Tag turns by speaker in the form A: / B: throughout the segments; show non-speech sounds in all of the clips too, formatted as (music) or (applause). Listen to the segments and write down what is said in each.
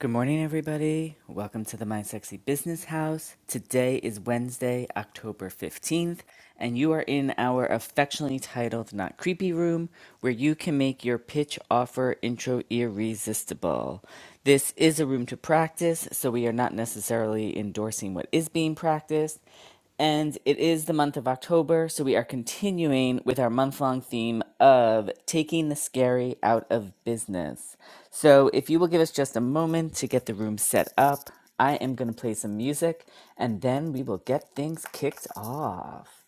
A: Good morning, everybody. Welcome to the My Sexy Business House. Today is Wednesday, October 15th, and you are in our affectionately titled Not Creepy Room, where you can make your pitch offer intro irresistible. This is a room to practice, so we are not necessarily endorsing what is being practiced. And it is the month of October, so we are continuing with our month long theme of taking the scary out of business. So, if you will give us just a moment to get the room set up, I am going to play some music and then we will get things kicked off.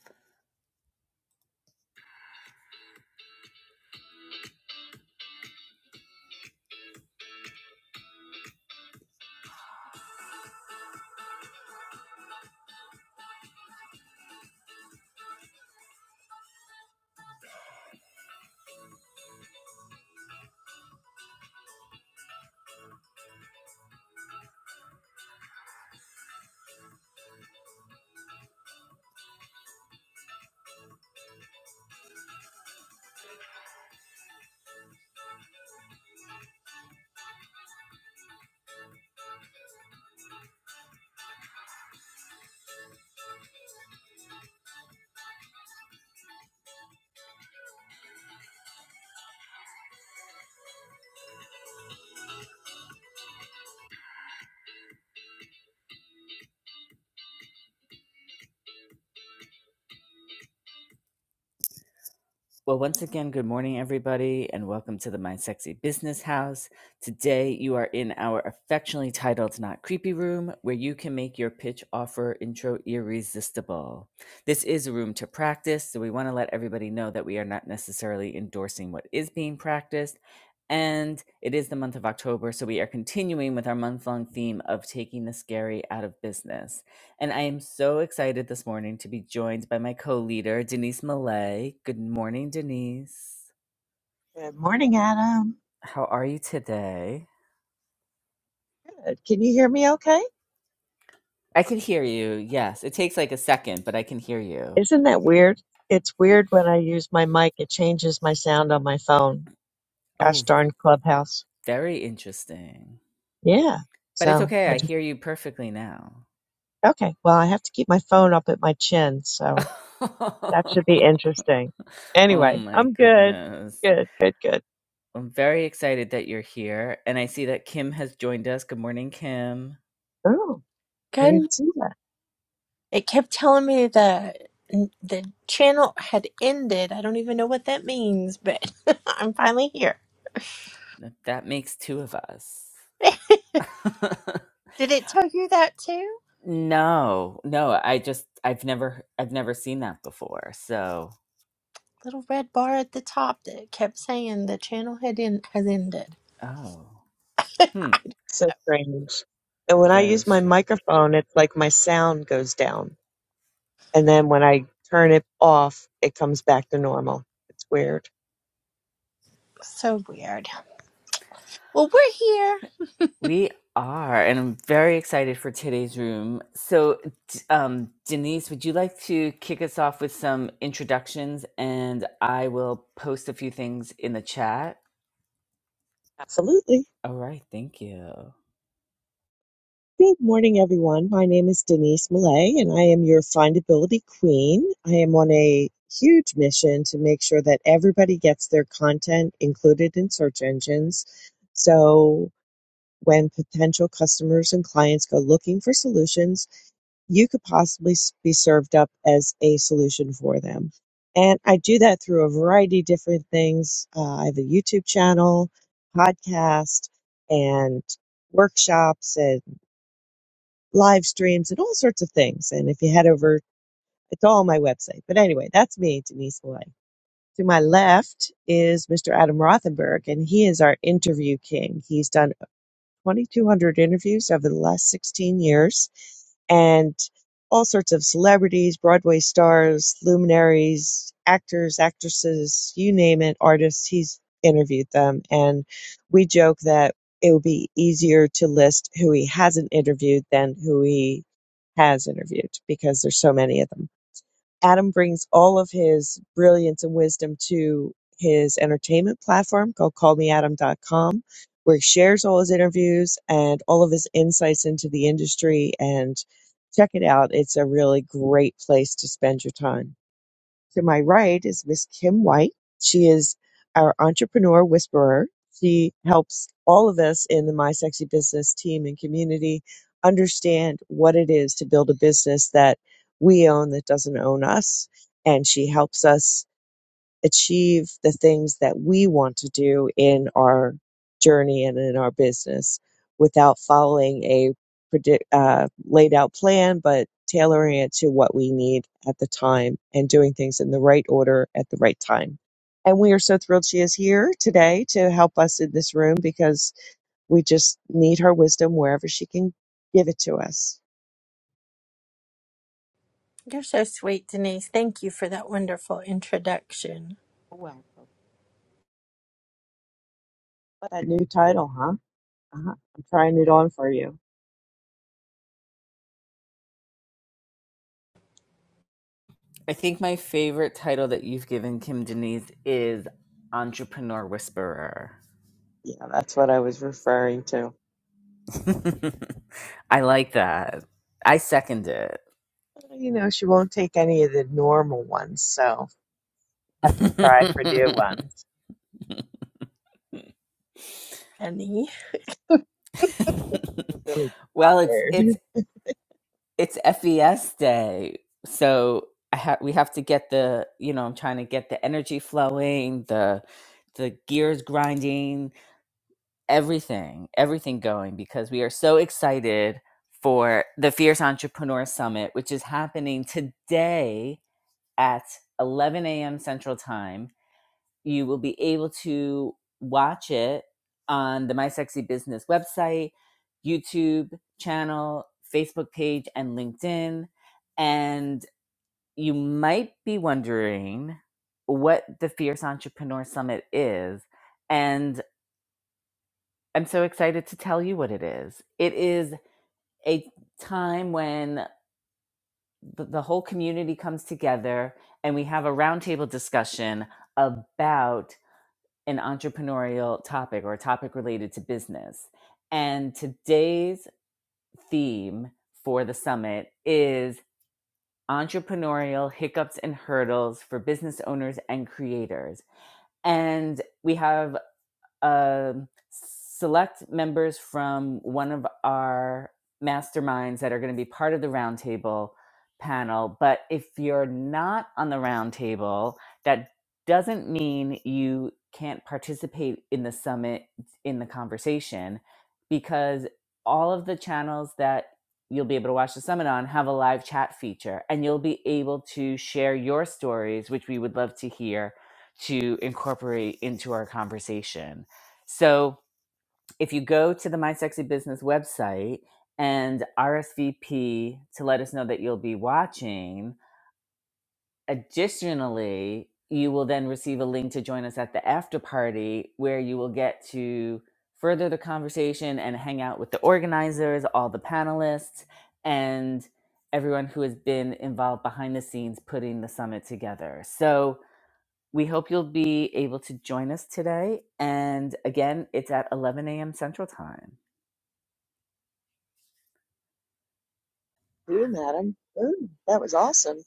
A: Well, once again, good morning, everybody, and welcome to the My Sexy Business House. Today, you are in our affectionately titled Not Creepy Room, where you can make your pitch offer intro irresistible. This is a room to practice, so we want to let everybody know that we are not necessarily endorsing what is being practiced. And it is the month of October, so we are continuing with our month long theme of taking the scary out of business. And I am so excited this morning to be joined by my co leader, Denise Millay. Good morning, Denise.
B: Good morning, Adam.
A: How are you today?
B: Good. Can you hear me okay?
A: I can hear you. Yes, it takes like a second, but I can hear you.
B: Isn't that weird? It's weird when I use my mic, it changes my sound on my phone. Gosh
A: Oh,
B: darn Clubhouse.
A: very interesting.
B: Yeah.
A: But it's
B: So
A: okay.
B: I
A: I
B: just,
A: hear you perfectly now.
B: okay. Well, I have to keep my phone up at my chin. So
A: (laughs)
B: that should be
A: oh
B: interesting. Anyway,
A: my
B: I'm good.
A: goodness.
B: Good, good, good.
A: I'm very excited that you're here. And I see that Kim has joined us. Good morning, Kim.
B: Oh, I
C: Good.
B: didn't see that.
C: It kept telling me that the channel had ended. I don't even know what that means, but (laughs) I'm finally here.
A: That that makes two of us.
C: (laughs) Did
A: (laughs)
C: it tell you that too?
A: No, no, I just I've never I've never seen that before. So,
C: Little red bar at the top that kept saying the channel had in, has ended.
A: oh, hmm,
B: So strange. And when I
A: very
B: use my
A: strange.
B: microphone, it's like my sound goes down. And then when I turn it off, it comes back to normal. It's weird.
C: So weird. Well, we're here.
A: We are, and I'm very excited for today's room. So, d- um, Denise, would you like to kick us off with some introductions, and I will post a few things in the chat.
B: Absolutely.
A: All right, thank you.
B: Good morning, everyone. My name is Denise Millay, and I am your findability queen. I am on a huge mission to make sure that everybody gets their content included in search engines. So when potential customers and clients go looking for solutions, you could possibly s- be served up as a solution for them. And I do that through a variety of different things. Uh, I have a YouTube channel, podcast, and workshops and live streams and all sorts of things. And if you head over, it's all on my website. But anyway, that's me, Denise Malay. To my left is Mr. Adam Rothenberg, and he is our interview king. He's done 2,200 interviews over the last 16 years and all sorts of celebrities, Broadway stars, luminaries, actors, actresses, you name it, artists. He's interviewed them. And we joke that it would be easier to list who he hasn't interviewed than who he has interviewed because there's so many of them. Adam brings all of his brilliance and wisdom to his entertainment platform called callmeadam.com, where he shares all his interviews and all of his insights into the industry. And check it out, it's a really great place to spend your time. To my right is Miss Kim White. She is our entrepreneur whisperer. She helps all of us in the My Sexy Business team and community understand what it is to build a business that we own that doesn't own us. And she helps us achieve the things that we want to do in our journey and in our business without following a predict, uh, laid out plan, but tailoring it to what we need at the time and doing things in the right order at the right time. And we are so thrilled she is here today to help us in this room because we just need her wisdom wherever she can give it to us.
C: You're so sweet, Denise. Thank you for that wonderful introduction.
B: Welcome. What a new title, huh? Uh-huh. I'm trying it on for you.
A: I think my favorite title that you've given Kim Denise is Entrepreneur Whisperer.
B: Yeah, that's what I was referring to.
A: (laughs) I like that. I second it.
B: You know, she won't take any of the normal ones, so have to try for new
A: (laughs)
B: ones.
C: Honey.
B: I'm really
A: well, it's
B: tired.
A: it's it's FES day, so I ha- we have to get the you know I'm trying to get the energy flowing, the the gears grinding, everything, everything going because we are so excited for the Fierce Entrepreneur Summit, which is happening today at 11 a.m. Central Time You will be able to watch it on the My Sexy Business website, YouTube channel, Facebook page, and LinkedIn. And you might be wondering what the Fierce Entrepreneur Summit is. And I'm so excited to tell you what it is. It is a time when the, whole community comes together and we have a roundtable discussion about an entrepreneurial topic or a topic related to business. And today's theme for the summit is entrepreneurial hiccups and hurdles for business owners and creators. And we have um, select members from one of our masterminds that are going to be part of the roundtable panel. But if you're not on the roundtable, that doesn't mean you can't participate in the summit in the conversation because all of the channels that you'll be able to watch the summit on have a live chat feature and you'll be able to share your stories which we would love to hear to incorporate into our conversation so if you go to the My Sexy Business website and RSVP to let us know that you'll be watching, additionally, you will then receive a link to join us at the after party where you will get to further the conversation and hang out with the organizers, all the panelists, and everyone who has been involved behind the scenes putting the summit together. So, we hope you'll be able to join us today. And again, it's at 11 a.m. Central Time.
B: Boom, Adam. Boom. (laughs) That was awesome.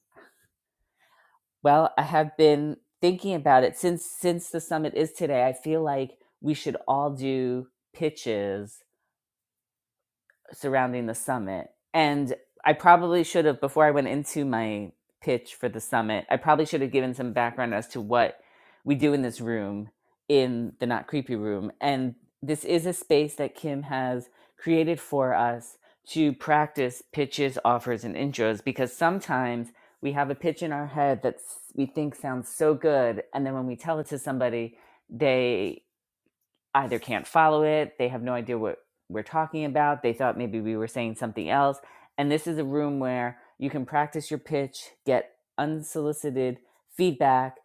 A: Well, I have been thinking about it since since the summit is today. I feel like we should all do pitches surrounding the summit. And I probably should have, before I went into my pitch for the summit, I probably should have given some background as to what we do in this room, in the Not Creepy Room. And this is a space that Kim has created for us to practice pitches, offers, and intros because sometimes we have a pitch in our head that we think sounds so good. And then when we tell it to somebody, they either can't follow it, they have no idea what we're talking about, they thought maybe we were saying something else. And this is a room where you can practice your pitch, get unsolicited feedback,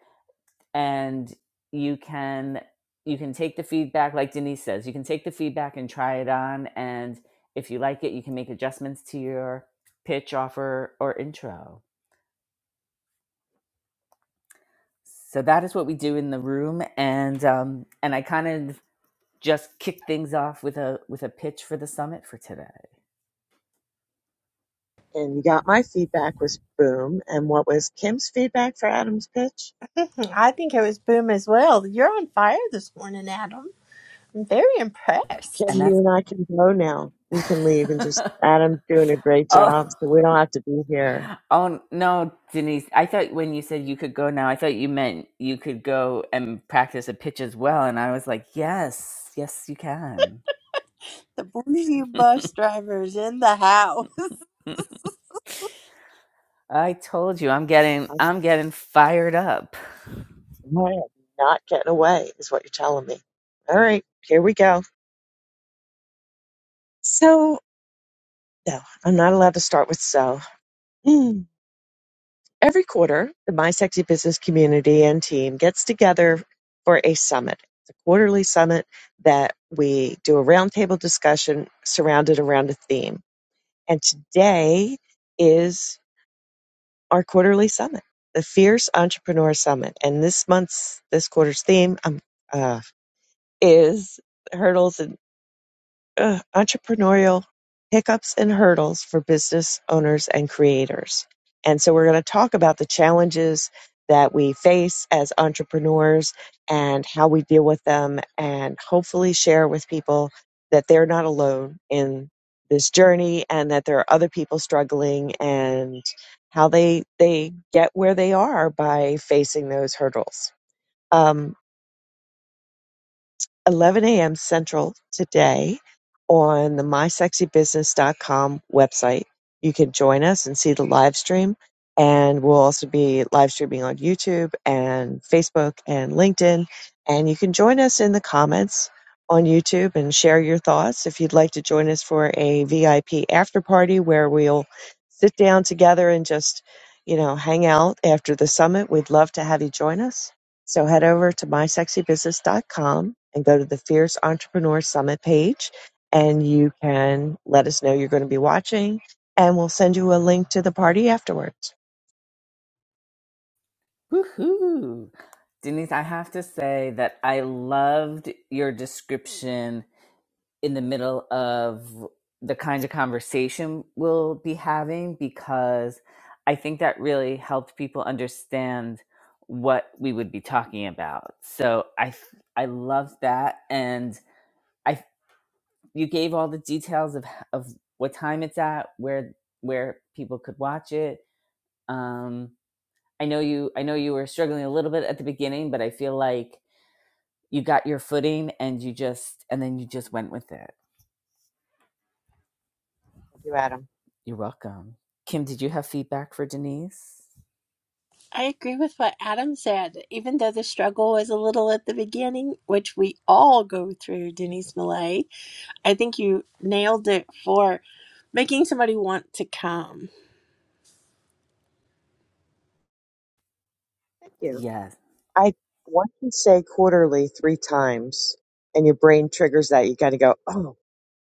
A: and you can you can take the feedback like Denise says, you can take the feedback and try it on and if you like it, you can make adjustments to your pitch offer or intro. So that is what we do in the room and um and I kind of just kick things off with a with a pitch for the summit for today.
B: And you got my feedback was boom. And what was Kim's feedback for Adam's pitch?
C: Hmm, I think it was boom as well. You're on fire this morning, Adam. I'm very
A: And
B: Ken,
C: impressed.
B: you
A: that's
B: and I can go now. We can leave and
A: (laughs)
B: just Adam's doing a great
A: oh
B: job, so we don't have to be here.
A: oh no, Denise. I thought when you said you could go now, I thought you meant you could go and practice a pitch as well. And I was like, yes, yes, you can.
C: The bougie bus driver's in the house. (laughs)
A: (laughs) I told you, I'm getting
B: I'm
A: I'm getting fired up.
B: I am not getting away, is what you're telling me. All right, here we go. So, no, I'm not allowed to start with so. Mm. Every quarter, the My Sexy Business community and team gets together for a summit. It's a quarterly summit that we do a roundtable discussion surrounded around a theme. And today is our quarterly summit, the Fierce Entrepreneur Summit. And this month's, this quarter's theme um, uh, is hurdles and. uh, entrepreneurial hiccups and hurdles for business owners and creators. And so we're going to talk about the challenges that we face as entrepreneurs and how we deal with them, and hopefully share with people that they're not alone in this journey and that there are other people struggling and how they they get where they are by facing those hurdles. Um, 11 a.m. Central today on the mysexybusiness.com website. You can join us and see the live stream. And we'll also be live streaming on YouTube and Facebook and LinkedIn. And you can join us in the comments on YouTube and share your thoughts. If you'd like to join us for a VIP after party where we'll sit down together and just, you know, hang out after the summit, we'd love to have you join us so head over to my sexy business dot com and go to the Fierce Entrepreneur Summit page, and you can let us know you're going to be watching, and we'll send you a link to the party afterwards.
A: Woohoo! Denise, I have to say that I loved your description in the middle of the kinds of conversation we'll be having because I think that really helped people understand what we would be talking about. So I, I loved that and I you gave all the details of of what time it's at, where where people could watch it. Um I know you I know you were struggling a little bit at the beginning, but I feel like you got your footing and you just and then you just went with it
B: Thank you, Adam.
A: You're welcome. Kim, did you have feedback for Denise?
C: I agree with what Adam said. Even though the struggle was a little at the beginning, which we all go through, Denise Millay, I think you nailed it for making somebody want to come.
B: Thank you.
A: Yes.
B: I want to say quarterly three times, and your brain triggers that. You got to go, oh.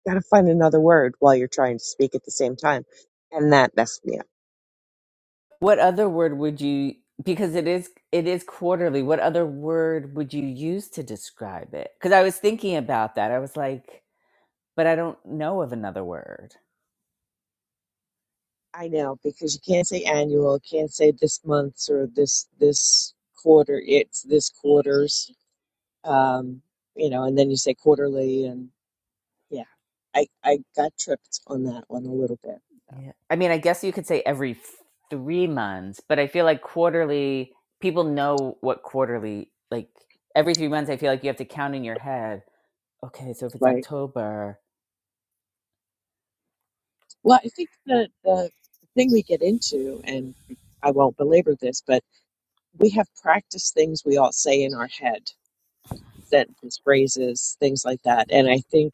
B: Gotta find another word while you're trying to speak at the same time. And that messed me up.
A: What other word would you because it is it is quarterly. What other word would you use to describe it? Cuz I was thinking about that. I was like, but I don't know of another word.
B: I know, because you can't say annual, can't say this month's or this this quarter, it's this quarter's. Um, you know, and then you say quarterly and yeah. I, I got tripped on that one a little bit. so,
A: Yeah. I mean, I guess you could say every f- 3 months, but I feel like quarterly people know what quarterly like every 3 months I feel like you have to count in your head. Okay, so if it's
B: Right.
A: October,
B: Well, I think the the thing we get into, and I won't belabor this, but we have practiced things we all say in our head sentences, phrases, things like that. And
A: mhm,
B: I think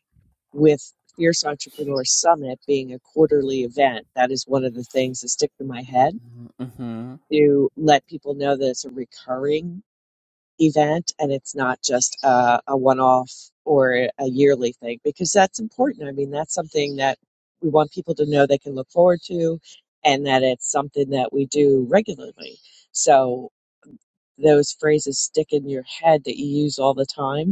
B: with Fierce Entrepreneur Summit being a quarterly event, that is one of the things that stick in my head
A: mhm,
B: to let people know that it's a recurring event and it's not just a, a one off or a yearly thing because that's important. I mean, that's something that we want people to know they can look forward to and that it's something that we do regularly. So those phrases stick in your head that you use all the time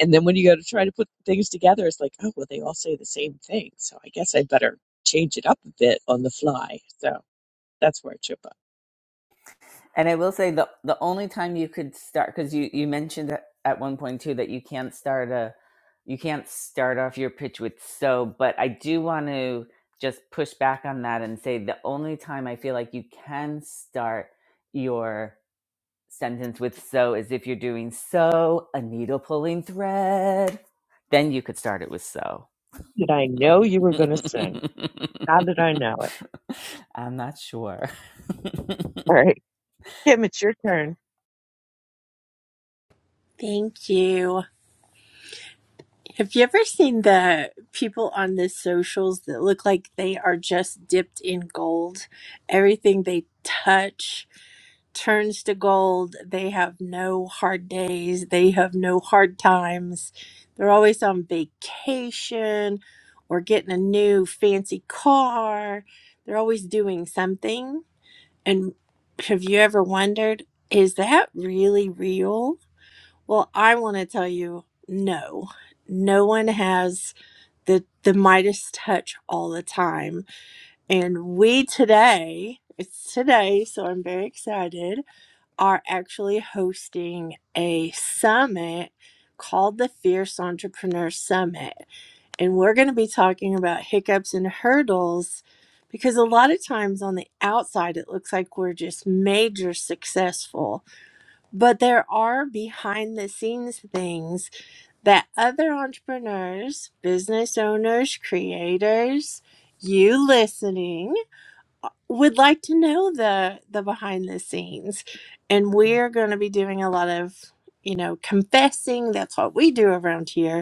B: and then when you go to try to put things together, it's like, oh, well, they all say the same thing. So I guess I better change it up a bit on the fly. So that's where I trip up.
A: And I will say the the only time you could start because you you mentioned at at one point too that you can't start a you can't start off your pitch with so, but I do want to just push back on that and say the only time I feel like you can start your sentence with so is if you're doing so a needle pulling thread, then you could start it with so.
B: Did I know you
A: (laughs)
B: were going to sing? How did I know it?
A: I'm not sure.
B: All
A: (laughs)
B: right. Kim, it's your turn.
C: Thank you. Have you ever seen the people on the socials that look like they are just dipped in gold? Everything they touch turns to gold. They have no hard days. They have no hard times. They're always on vacation or getting a new fancy car. They're always doing something. And have you ever wondered, is that really real? Well, I want to tell you no. No one has the the Midas touch all the time. And we today, it's today, so I'm very excited, are actually hosting a summit called the Fierce Entrepreneur Summit. And we're going to be talking about hiccups and hurdles because a lot of times on the outside it looks like we're just major successful but there are behind the scenes things that other entrepreneurs, business owners, creators, you listening would like to know the the behind the scenes. And we're going to be doing a lot of, you know, confessing. That's what we do around here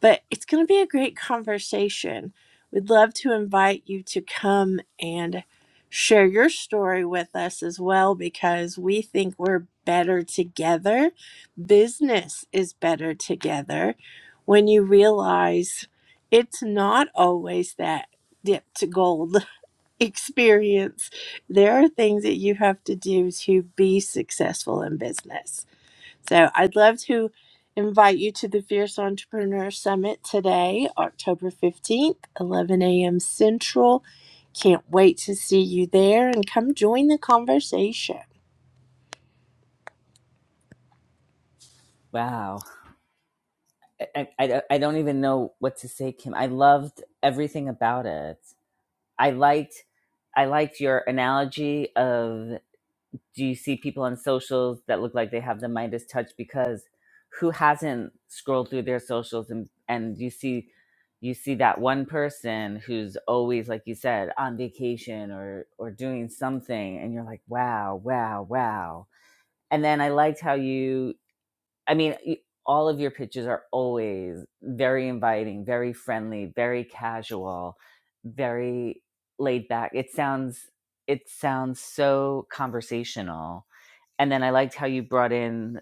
C: but it's going to be a great conversation. We'd love to invite you to come and share your story with us as well because we think we're better together. Business is better together when you realize it's not always that dip to gold (laughs) experience. There are things that you have to do to be successful in business. So I'd love to invite you to the Fierce Entrepreneur Summit today, October 15th, 11 a.m. Central. Can't wait to see you there and come join the conversation.
A: wow. I, I, don't- I don't even know what to say, Kim. I loved everything about it. I liked I liked your analogy of do you see people on socials that look like they have the Midas touch because who hasn't scrolled through their socials and and you see you see that one person who's always like you said on vacation or or doing something and you're like wow wow wow and then I liked how you I mean, all of your pitches are always very inviting, very friendly, very casual, very laid back. It sounds it sounds so conversational. And then I liked how you brought in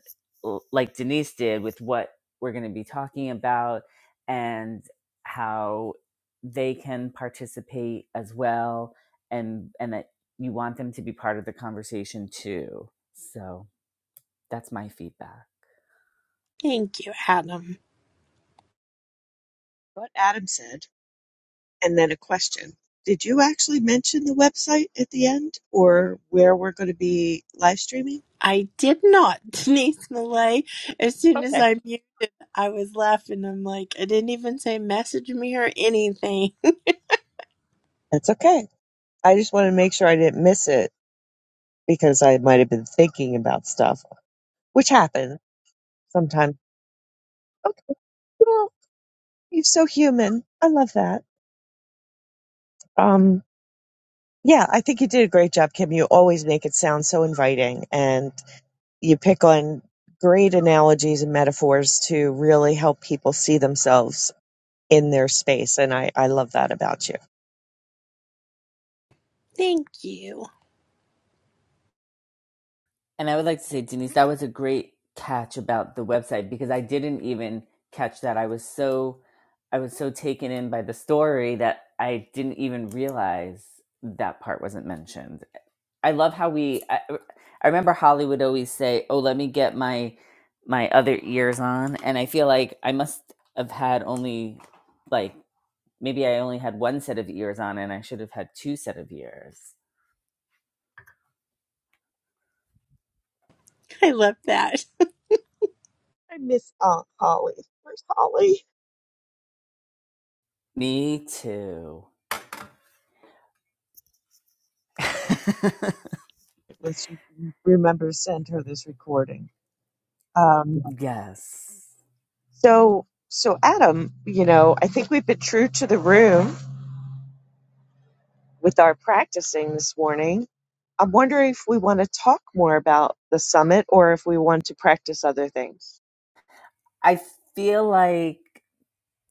A: like Denise did with what we're going to be talking about and how they can participate as well and and that you want them to be part of the conversation too. So, that's my feedback.
C: Thank you, Adam.
B: What Adam said. and then a question. Did you actually mention the website at the end or where we're going to be live streaming?
C: I did not, (laughs) Denise Millay. As soon as
B: Okay.
C: I muted, I was laughing. I'm like, I didn't even say message me or anything.
B: That's okay. I just want to make sure I didn't miss it because I might have been thinking about stuff, which happens sometimes. Okay, well, you're so human. I love that. Um, yeah, I think you did a great job, Kim. You always make it sound so inviting, and you pick on great analogies and metaphors to really help people see themselves in their space. And I, I love that about you.
C: (laughs) Thank you.
A: And I would like to say, Denise, that was a great catch about the website because I didn't even catch that. I was so I was so taken in by the story that I didn't even realize that part wasn't mentioned. I love how we. I, I remember Holly would always say, "Oh, let me get my my other ears on," and I feel like I must have had only like maybe I only had one set of ears on, and I should have had two set of ears.
C: I love that.
B: I miss Aunt Holly. Where's Holly?
A: Me too. (laughs)
B: Let's remember to send her this recording. Um,
A: yes,
B: so, so Adam, you know, I think we've been true to the room with our practicing this morning. I'm wondering if we want to talk more about the summit or if we want to practice other things.
A: I feel like.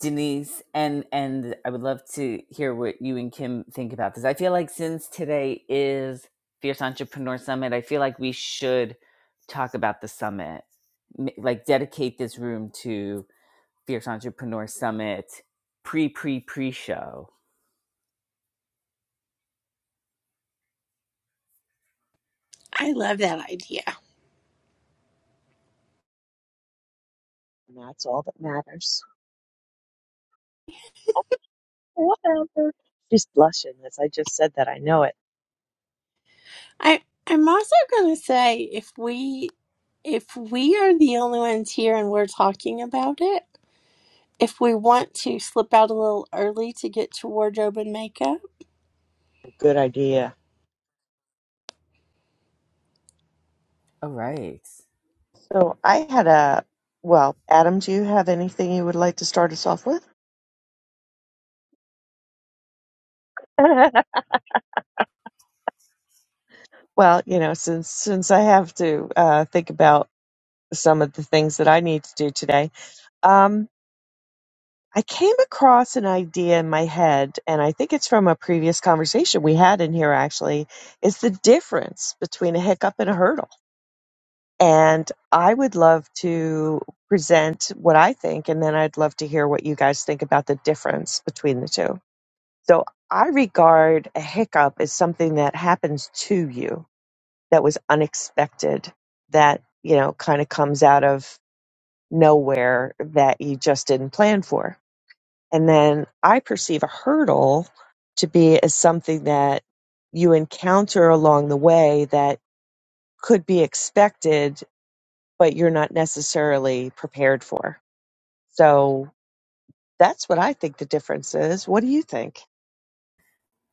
A: Denise, and and I would love to hear what you and Kim think about this. I feel like since today is Fierce Entrepreneur Summit, I feel like we should talk about the summit, M- like dedicate this room to Fierce Entrepreneur Summit pre pre pre show.
C: I love that idea.
B: And that's all that matters. Whatever. She's blushing as I just said that. I know it.
C: I I'm also gonna say if we If we are the only ones here and we're talking about it, if we want to slip out a little early to get to wardrobe and makeup,
B: Good idea.
A: All right,
B: So I had a, well, Adam, do you have anything you would like to start us off with? (laughs) well, you know, since since I have to uh, think about some of the things that I need to do today, um, I came across an idea in my head, and I think it's from a previous conversation we had in here. Actually, is the difference between a hiccup and a hurdle? And I would love to present what I think, and then I'd love to hear what you guys think about the difference between the two. So I regard a hiccup as something that happens to you that was unexpected, that, you know, kind of comes out of nowhere that you just didn't plan for. And then I perceive a hurdle to be as something that you encounter along the way that could be expected, but you're not necessarily prepared for. So that's what I think the difference is. What do you think?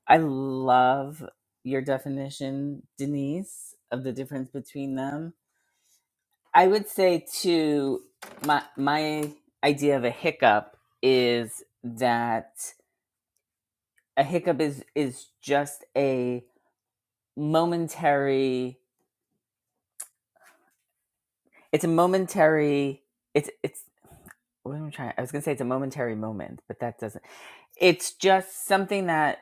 A: I love your definition, Denise, of the difference between them. I would say too, my my idea of a hiccup is that a hiccup is is just a momentary. It's a momentary. It's it's. What am I trying? I was gonna say it's a momentary moment, but that doesn't. It's just something that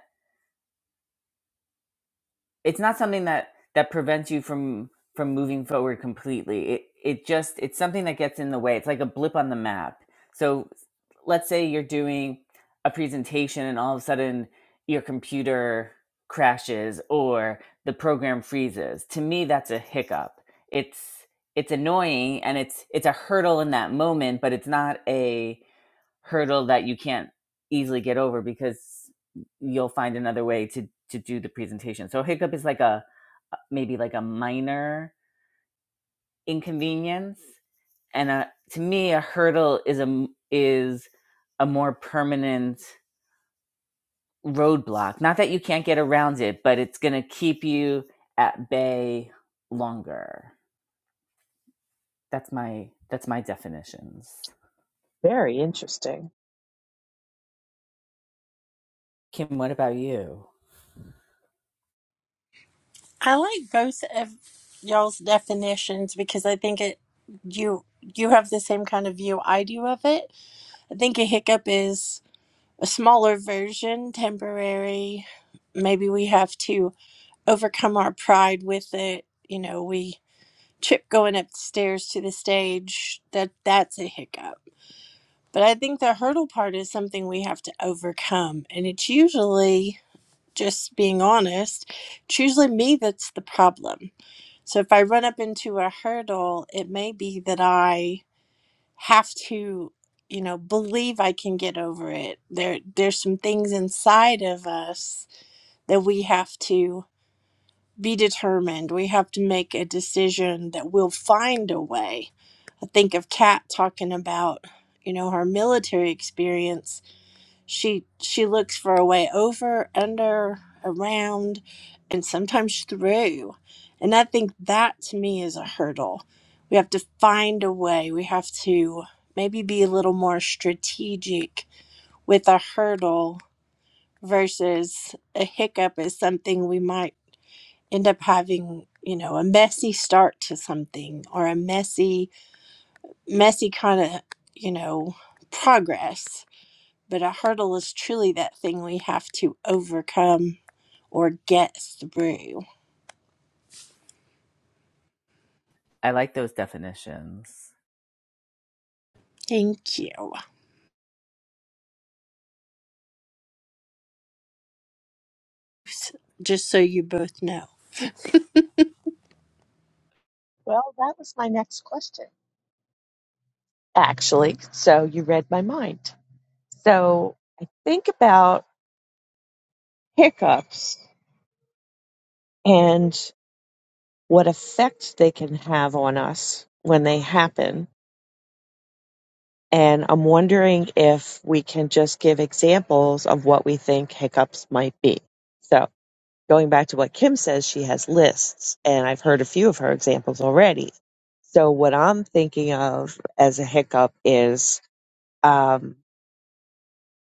A: it's not something that that prevents you from from moving forward completely it it just it's something that gets in the way it's like a blip on the map so let's say you're doing a presentation and all of a sudden your computer crashes or the program freezes to me that's a hiccup it's it's annoying and it's it's a hurdle in that moment but it's not a hurdle that you can't easily get over because you'll find another way to to do the presentation. So hiccup is like a maybe like a minor inconvenience and a, to me a hurdle is a is a more permanent roadblock. Not that you can't get around it, but it's going to keep you at bay longer. That's my that's my definitions.
B: Very interesting.
A: Kim, what about you?
C: I like both of y'all's definitions because I think it you you have the same kind of view I do of it. I think a hiccup is a smaller version, temporary. Maybe we have to overcome our pride with it. You know, we trip going up the stairs to the stage. That that's a hiccup But I think the hurdle part is something we have to overcome. And it's usually, just being honest, it's usually me that's the problem. So if I run up into a hurdle, it may be that I have to, you know, believe I can get over it. There there's some things inside of us that we have to be determined. We have to make a decision that we'll find a way. I think of Kat talking about, you know, her military experience she she looks for a way over under around and sometimes through and i think that to me is a hurdle we have to find a way we have to maybe be a little more strategic with a hurdle versus a hiccup is something we might end up having you know a messy start to something or a messy messy kind of you know progress but a hurdle is truly that thing we have to overcome or get through.
A: I like those definitions.
C: Thank you. Just so you both know.
B: Well, that was my next question. actually. So you read my mind. So I think about hiccups and what effect they can have on us when they happen. And I'm wondering if we can just give examples of what we think hiccups might be. So going back to what Kim says, she has lists, and I've heard a few of her examples already. So what I'm thinking of as a hiccup is, um,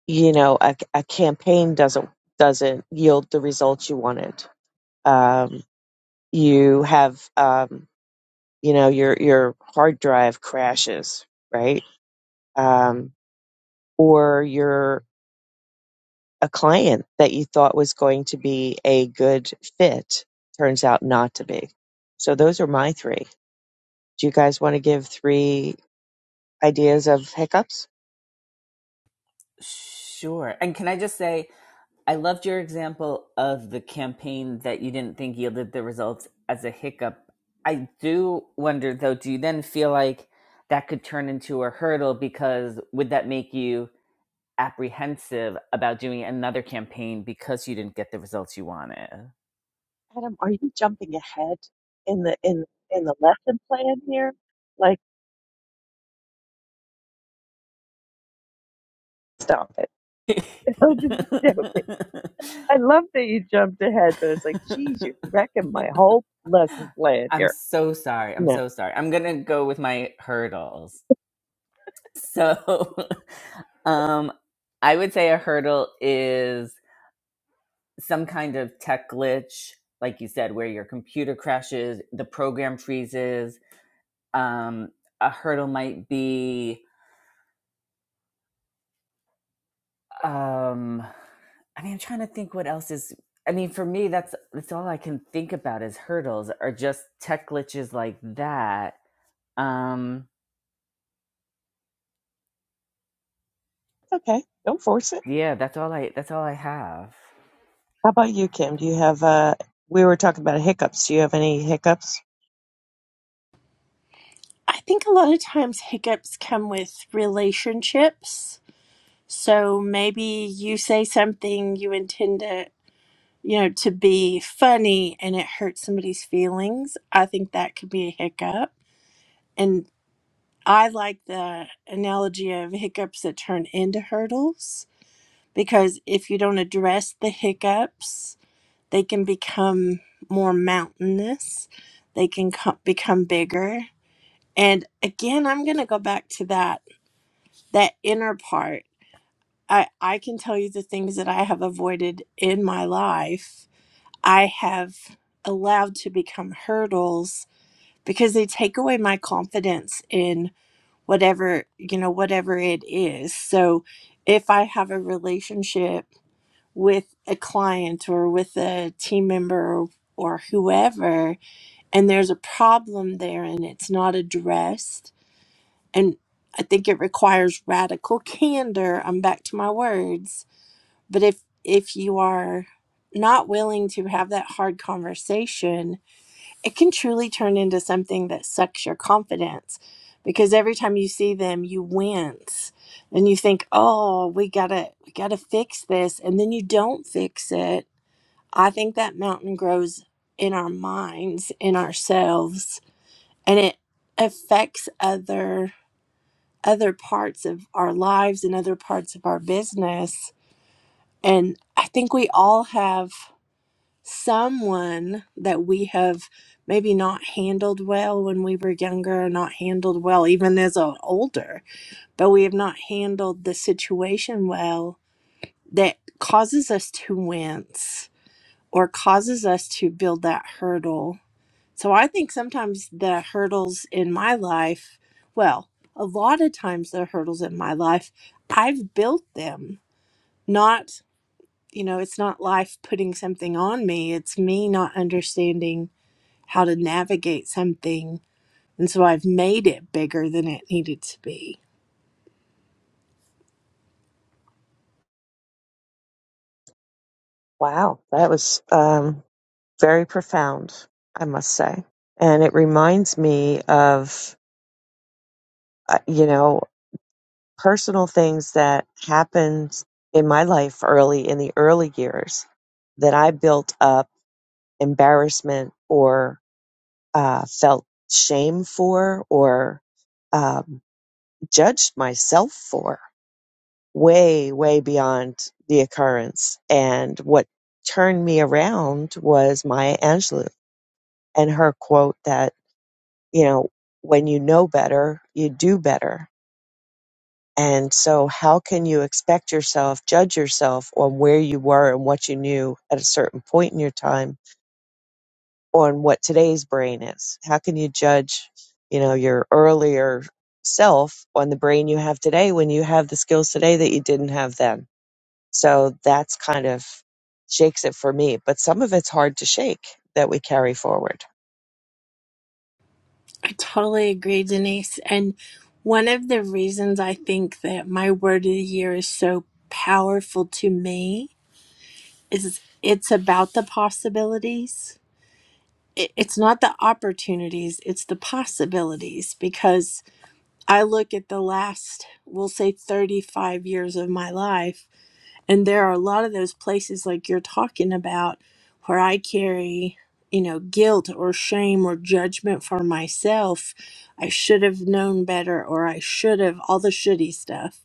B: you know a, a campaign doesn't doesn't yield the results you wanted um, you have um, you know your your hard drive crashes right um, or you're a client that you thought was going to be a good fit turns out not to be so those are my three do you guys want to give three ideas of hiccups
A: Sure. And can I just say, I loved your example of the campaign that you didn't think yielded the results as a hiccup. I do wonder, though, do you then feel like that could turn into a hurdle? Because would that make you apprehensive about doing another campaign because you didn't get the results you wanted?
B: adam are you jumping ahead in the in in the lesson plan here like stop it
A: (laughs)
B: Children with dopamine. (laughs) I love that you jumped ahead, but it's like, geez, you're wrecking my whole lesson plan
A: I'm
B: here.
A: so sorry. I'm
B: No,
A: so sorry. I'm going to go with my hurdles. So. (laughs) Um, I would say a hurdle is some kind of tech glitch, like you said, where your computer crashes, the program freezes. Um, a hurdle might be, um, I mean, I'm trying to think what else is. I mean, for me, that's that's all I can think about is hurdles or just tech glitches like that. Um,
B: it's okay, don't force it.
A: yeah, that's all I that's all I have.
B: How about you, Kim? Do you have? Uh, we were talking about hiccups. Do you have any hiccups?
C: I think a lot of times hiccups come with relationships. So maybe you say something you intend to, you know, to be funny and it hurts somebody's feelings. I think that could be a hiccup. And I like the analogy of hiccups that turn into hurdles because if you don't address the hiccups, they can become more mountainous they can co- become bigger and again i'm going to go back to that that inner part i i can tell you the things that i have avoided in my life i have allowed to become hurdles because they take away my confidence in whatever you know whatever it is so if i have a relationship with a client or with a team member or whoever and there's a problem there and it's not addressed and i think it requires radical (laughs) candor i'm back to my words but if if you are not willing to have that hard conversation it can truly turn into something that sucks your confidence because every time you see them you wince and you think oh we gotta we gotta fix this and then you don't fix it i think that mountain grows in our minds in ourselves and it affects other other parts of our lives and other parts of our business and i think we all have someone that we have maybe not handled well when we were younger or not handled well even as a older but we have not handled the situation well that causes us to wince or causes us to build that hurdle So I think sometimes the hurdles in my life, well, a lot of times the hurdles in my life, I've built them. Not, you know, it's not life putting something on me, it's me not understanding how to navigate something. And so I've made it bigger than it needed to be.
B: Wow, that was um, very profound, I must say, and it reminds me of uh, you know personal things that happened in my life early in the early years that I built up embarrassment or. uh, felt shame for or um, judged myself for way, way beyond the occurrence. And what turned me around was Maya Angelou and her quote that, you know, when you know better, you do better. And so, how can you expect yourself, judge yourself on where you were and what you knew at a certain point in your time on what today's brain is. How can you judge, you know, your earlier self on the brain you have today when you have the skills today that you didn't have then? So that's kind of shakes it for me. But some of it's hard to shake that we carry forward.
C: I totally agree, Denise. And one of the reasons I think that my word of the year is so powerful to me is it's about the possibilities it- it's not the opportunities, it's the possibilities. Because I look at the last, we'll say 35 years of my life, and there are a lot of those places like you're talking about where I carry, you know, guilt or shame or judgment for myself. I should have known better, or I should have, all the shitty stuff.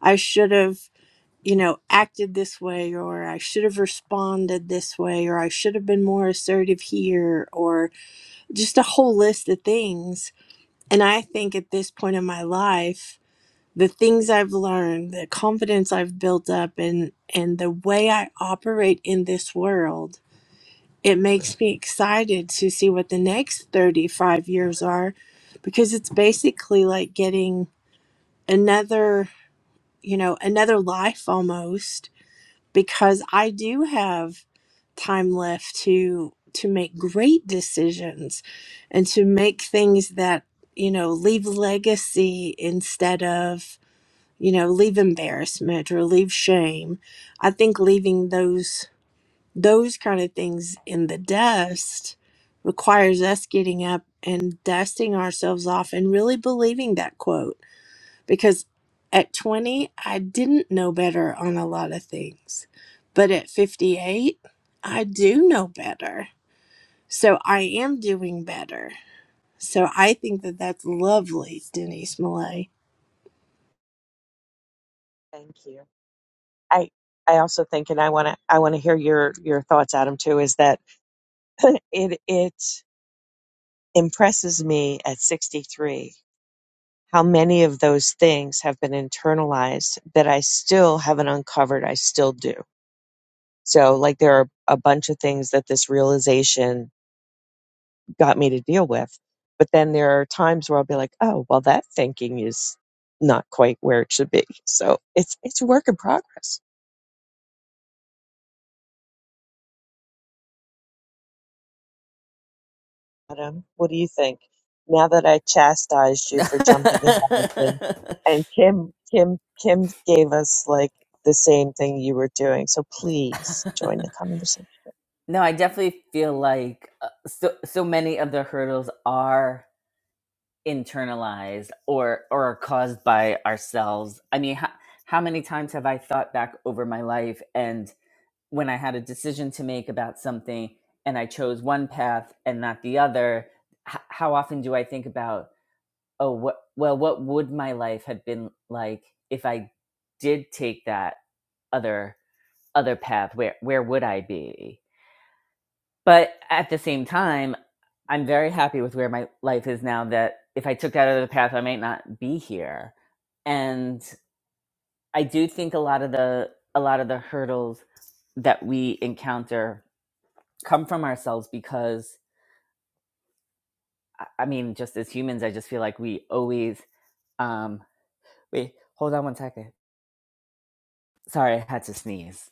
C: I should have. You know, acted this way, or I should have responded this way, or I should have been more assertive here, or just a whole list of things. And I think at this point in my life, the things I've learned, the confidence I've built up and and the way I operate in this world, it makes me excited to see what the next 35 years are because it's basically like getting another, you know, another life almost because I do have time left to to make great decisions and to make things that you know leave legacy instead of you know leave embarrassment or leave shame i think leaving those those kind of things in the dust requires us getting up and dusting ourselves off and really believing that quote because at 20, I didn't know better on a lot of things. But at 58, I do know better. So I am doing better. So I think that that's lovely, Denise Millay.
B: Thank you. I I also think, and I want to I want to hear your your thoughts, Adam, too. Is that (laughs) it it impresses me at 63 how many of those things have been internalized that I still haven't uncovered. I still do. So, like, there are a bunch of things that this realization got me to deal with. But then there are times where I'll be like, oh, well, that thinking is not quite where it should be. So it's it's a work in progress. Adam, what do you think? Now that I chastised you for jumping ahead and, and Kim Kim Kim gave us like the same thing you were doing. So please
A: (laughs)
B: join the conversation.
A: No, I definitely feel like uh, so so many of the hurdles are internalized or or are caused by ourselves. I mean, how, how many times have I thought back over my life and when I had a decision to make about something and I chose one path and not the other, h- how often do I think about, oh, what well, what would my life have been like if I did take that other other path? Where where would I be? But at the same time, I'm very happy with where my life is now that if I took that other path, I might not be here. And I do think a lot of the a lot of the hurdles that we encounter come from ourselves because I I mean, just as humans, I just feel like we always um wait, hold on one second. Sorry, I had to sneeze.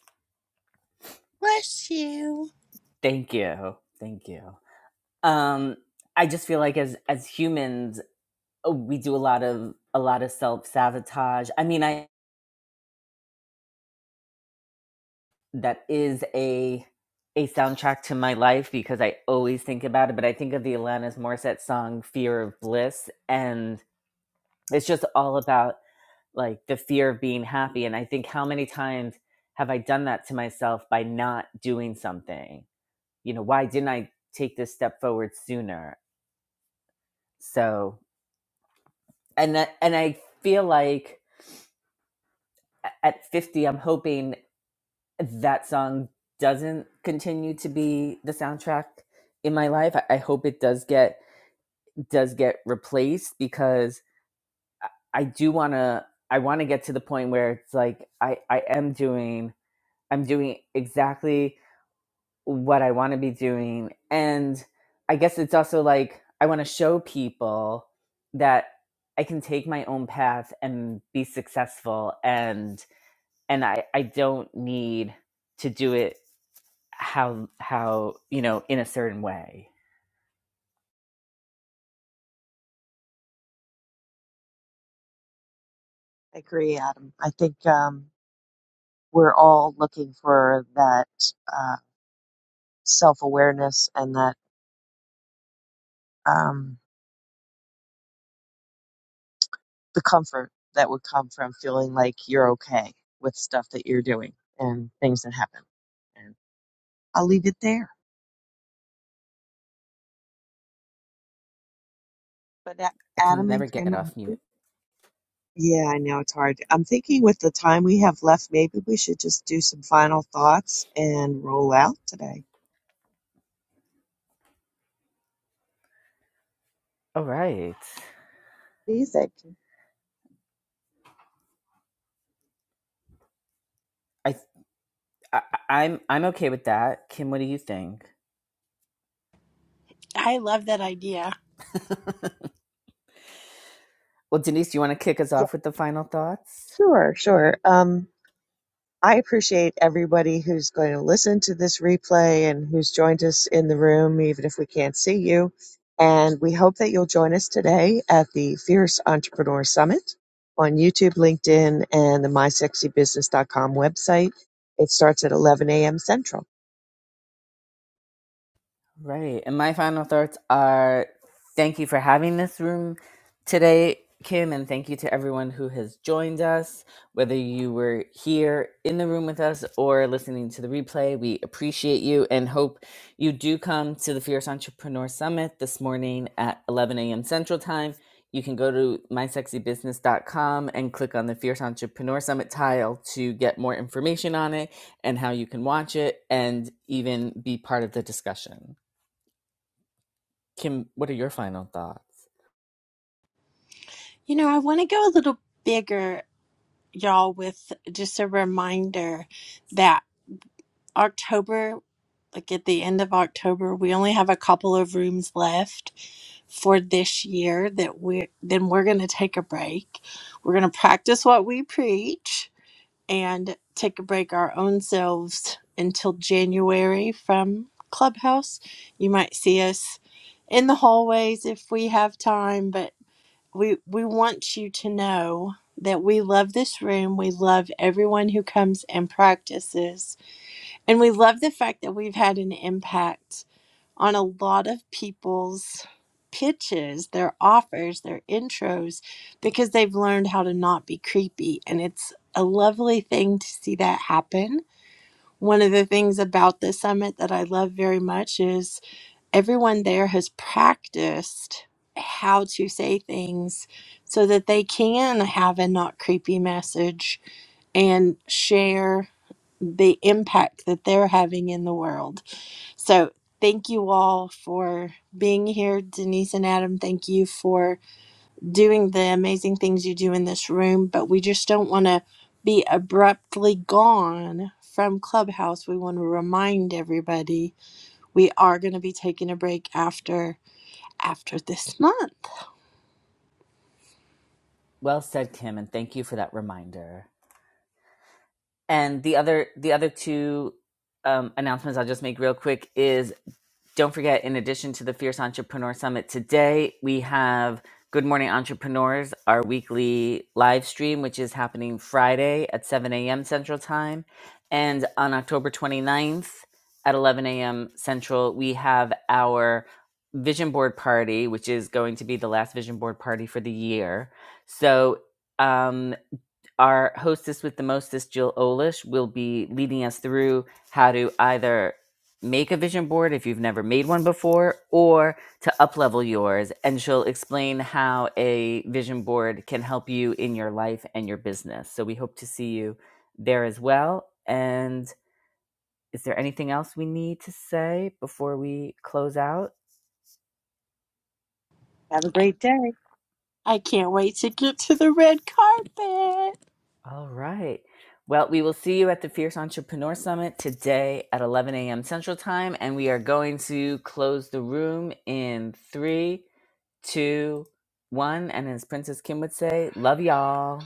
C: Bless you.
A: Thank you. Thank you. Um I just feel like as as humans oh, we do a lot of a lot of self sabotage. I mean, I that is a a soundtrack to my life because I always think about it. But I think of the Alanis Morissette song "Fear of Bliss," and it's just all about like the fear of being happy. And I think how many times have I done that to myself by not doing something? You know, why didn't I take this step forward sooner? So, and that, and I feel like at 50 i'm hoping that song doesn't continue to be the soundtrack in my life. I, I hope it does get does get replaced because I do wanna I wanna get to the point where it's like I, I am doing I'm doing exactly what I wanna be doing. And I guess it's also like I wanna show people that I can take my own path and be successful and and I, I don't need to do it how how you know in a certain way.
B: I agree, Adam. I think um, we're all looking for that uh, self awareness and that um, the comfort that would come from feeling like you're okay with stuff that you're doing and things that happen. And I'll leave it there. But A-
A: I can
B: Adam
A: never
B: and Kim,
A: get off
B: I'm-
A: mute.
B: yeah, I know it's hard. I'm thinking with the time we have left, maybe we should just do some final thoughts and roll out today.
A: All right,
B: Please,
A: I, I I'm I'm okay with that. Kim, what do you think?
C: I love that idea.
A: Well, Denise, do you want to kick us
B: Yeah,
A: off with the final thoughts?
B: sure, sure. Um, I appreciate everybody who's going to listen to this replay and who's joined us in the room, even if we can't see you. And we hope that you'll join us today at the Fierce Entrepreneur Summit on YouTube, LinkedIn, and the my sexy business dot com website. It starts at 11 a.m. Central.
A: Right. And my final thoughts are thank you for having this room today, Kim, and thank you to everyone who has joined us. Whether you were here in the room with us or listening to the replay, we appreciate you and hope you do come to the Fierce Entrepreneur Summit this morning at 11 a.m. Central Time. You can go to my sexy business dot com and click on the Fierce Entrepreneur Summit tile to get more information on it and how you can watch it and even be part of the discussion. Kim, what are your final thoughts?
C: You know, I want to go a little bigger, y'all, with just a reminder that October, like at the end of October, we only have a couple of rooms left for this year that we then we're going to take a break we're going to practice what we preach and take a break our own selves until january from clubhouse you might see us in the hallways if we have time but we we want you to know that we love this room we love everyone who comes and practices and we love the fact that we've had an impact on a lot of people's pitches, their offers, their intros, because they've learned how to not be creepy. And it's a lovely thing to see that happen. One of the things about the summit that I love very much is everyone there has practiced how to say things so that they can have a not creepy message and share the impact that they're having in the world so thank you all for being here. Denise and Adam, thank you for doing the amazing things you do in this room, but we just don't want to be abruptly gone from Clubhouse. We want to remind everybody we are going to be taking a break after after this month.
A: Well said, Kim, and thank you for that reminder. And the other the other two um, announcements I'll just make real quick is Don't forget, in addition to the Fierce Entrepreneur Summit today, we have Good Morning Entrepreneurs, our weekly live stream, which is happening Friday at 7 a.m. Central Time. And on October twenty ninth at 11 a.m. Central, we have our vision board party, which is going to be the last vision board party for the year. So, um, our hostess with the mostest, Jill Olish, will be leading us through how to either make a vision board if you've never made one before or to uplevel yours and she'll explain how a vision board can help you in your life and your business. So we hope to see you there as well and is there anything else we need to say before we close out?
B: Have a
C: I,
B: great day.
C: I can't wait to get to the red carpet.
A: All right. Well, we will see you at the Fierce Entrepreneur Summit today at 11 a.m. Central Time, and we are going to close the room in three, two, one. And as Princess Kim would say, love y'all.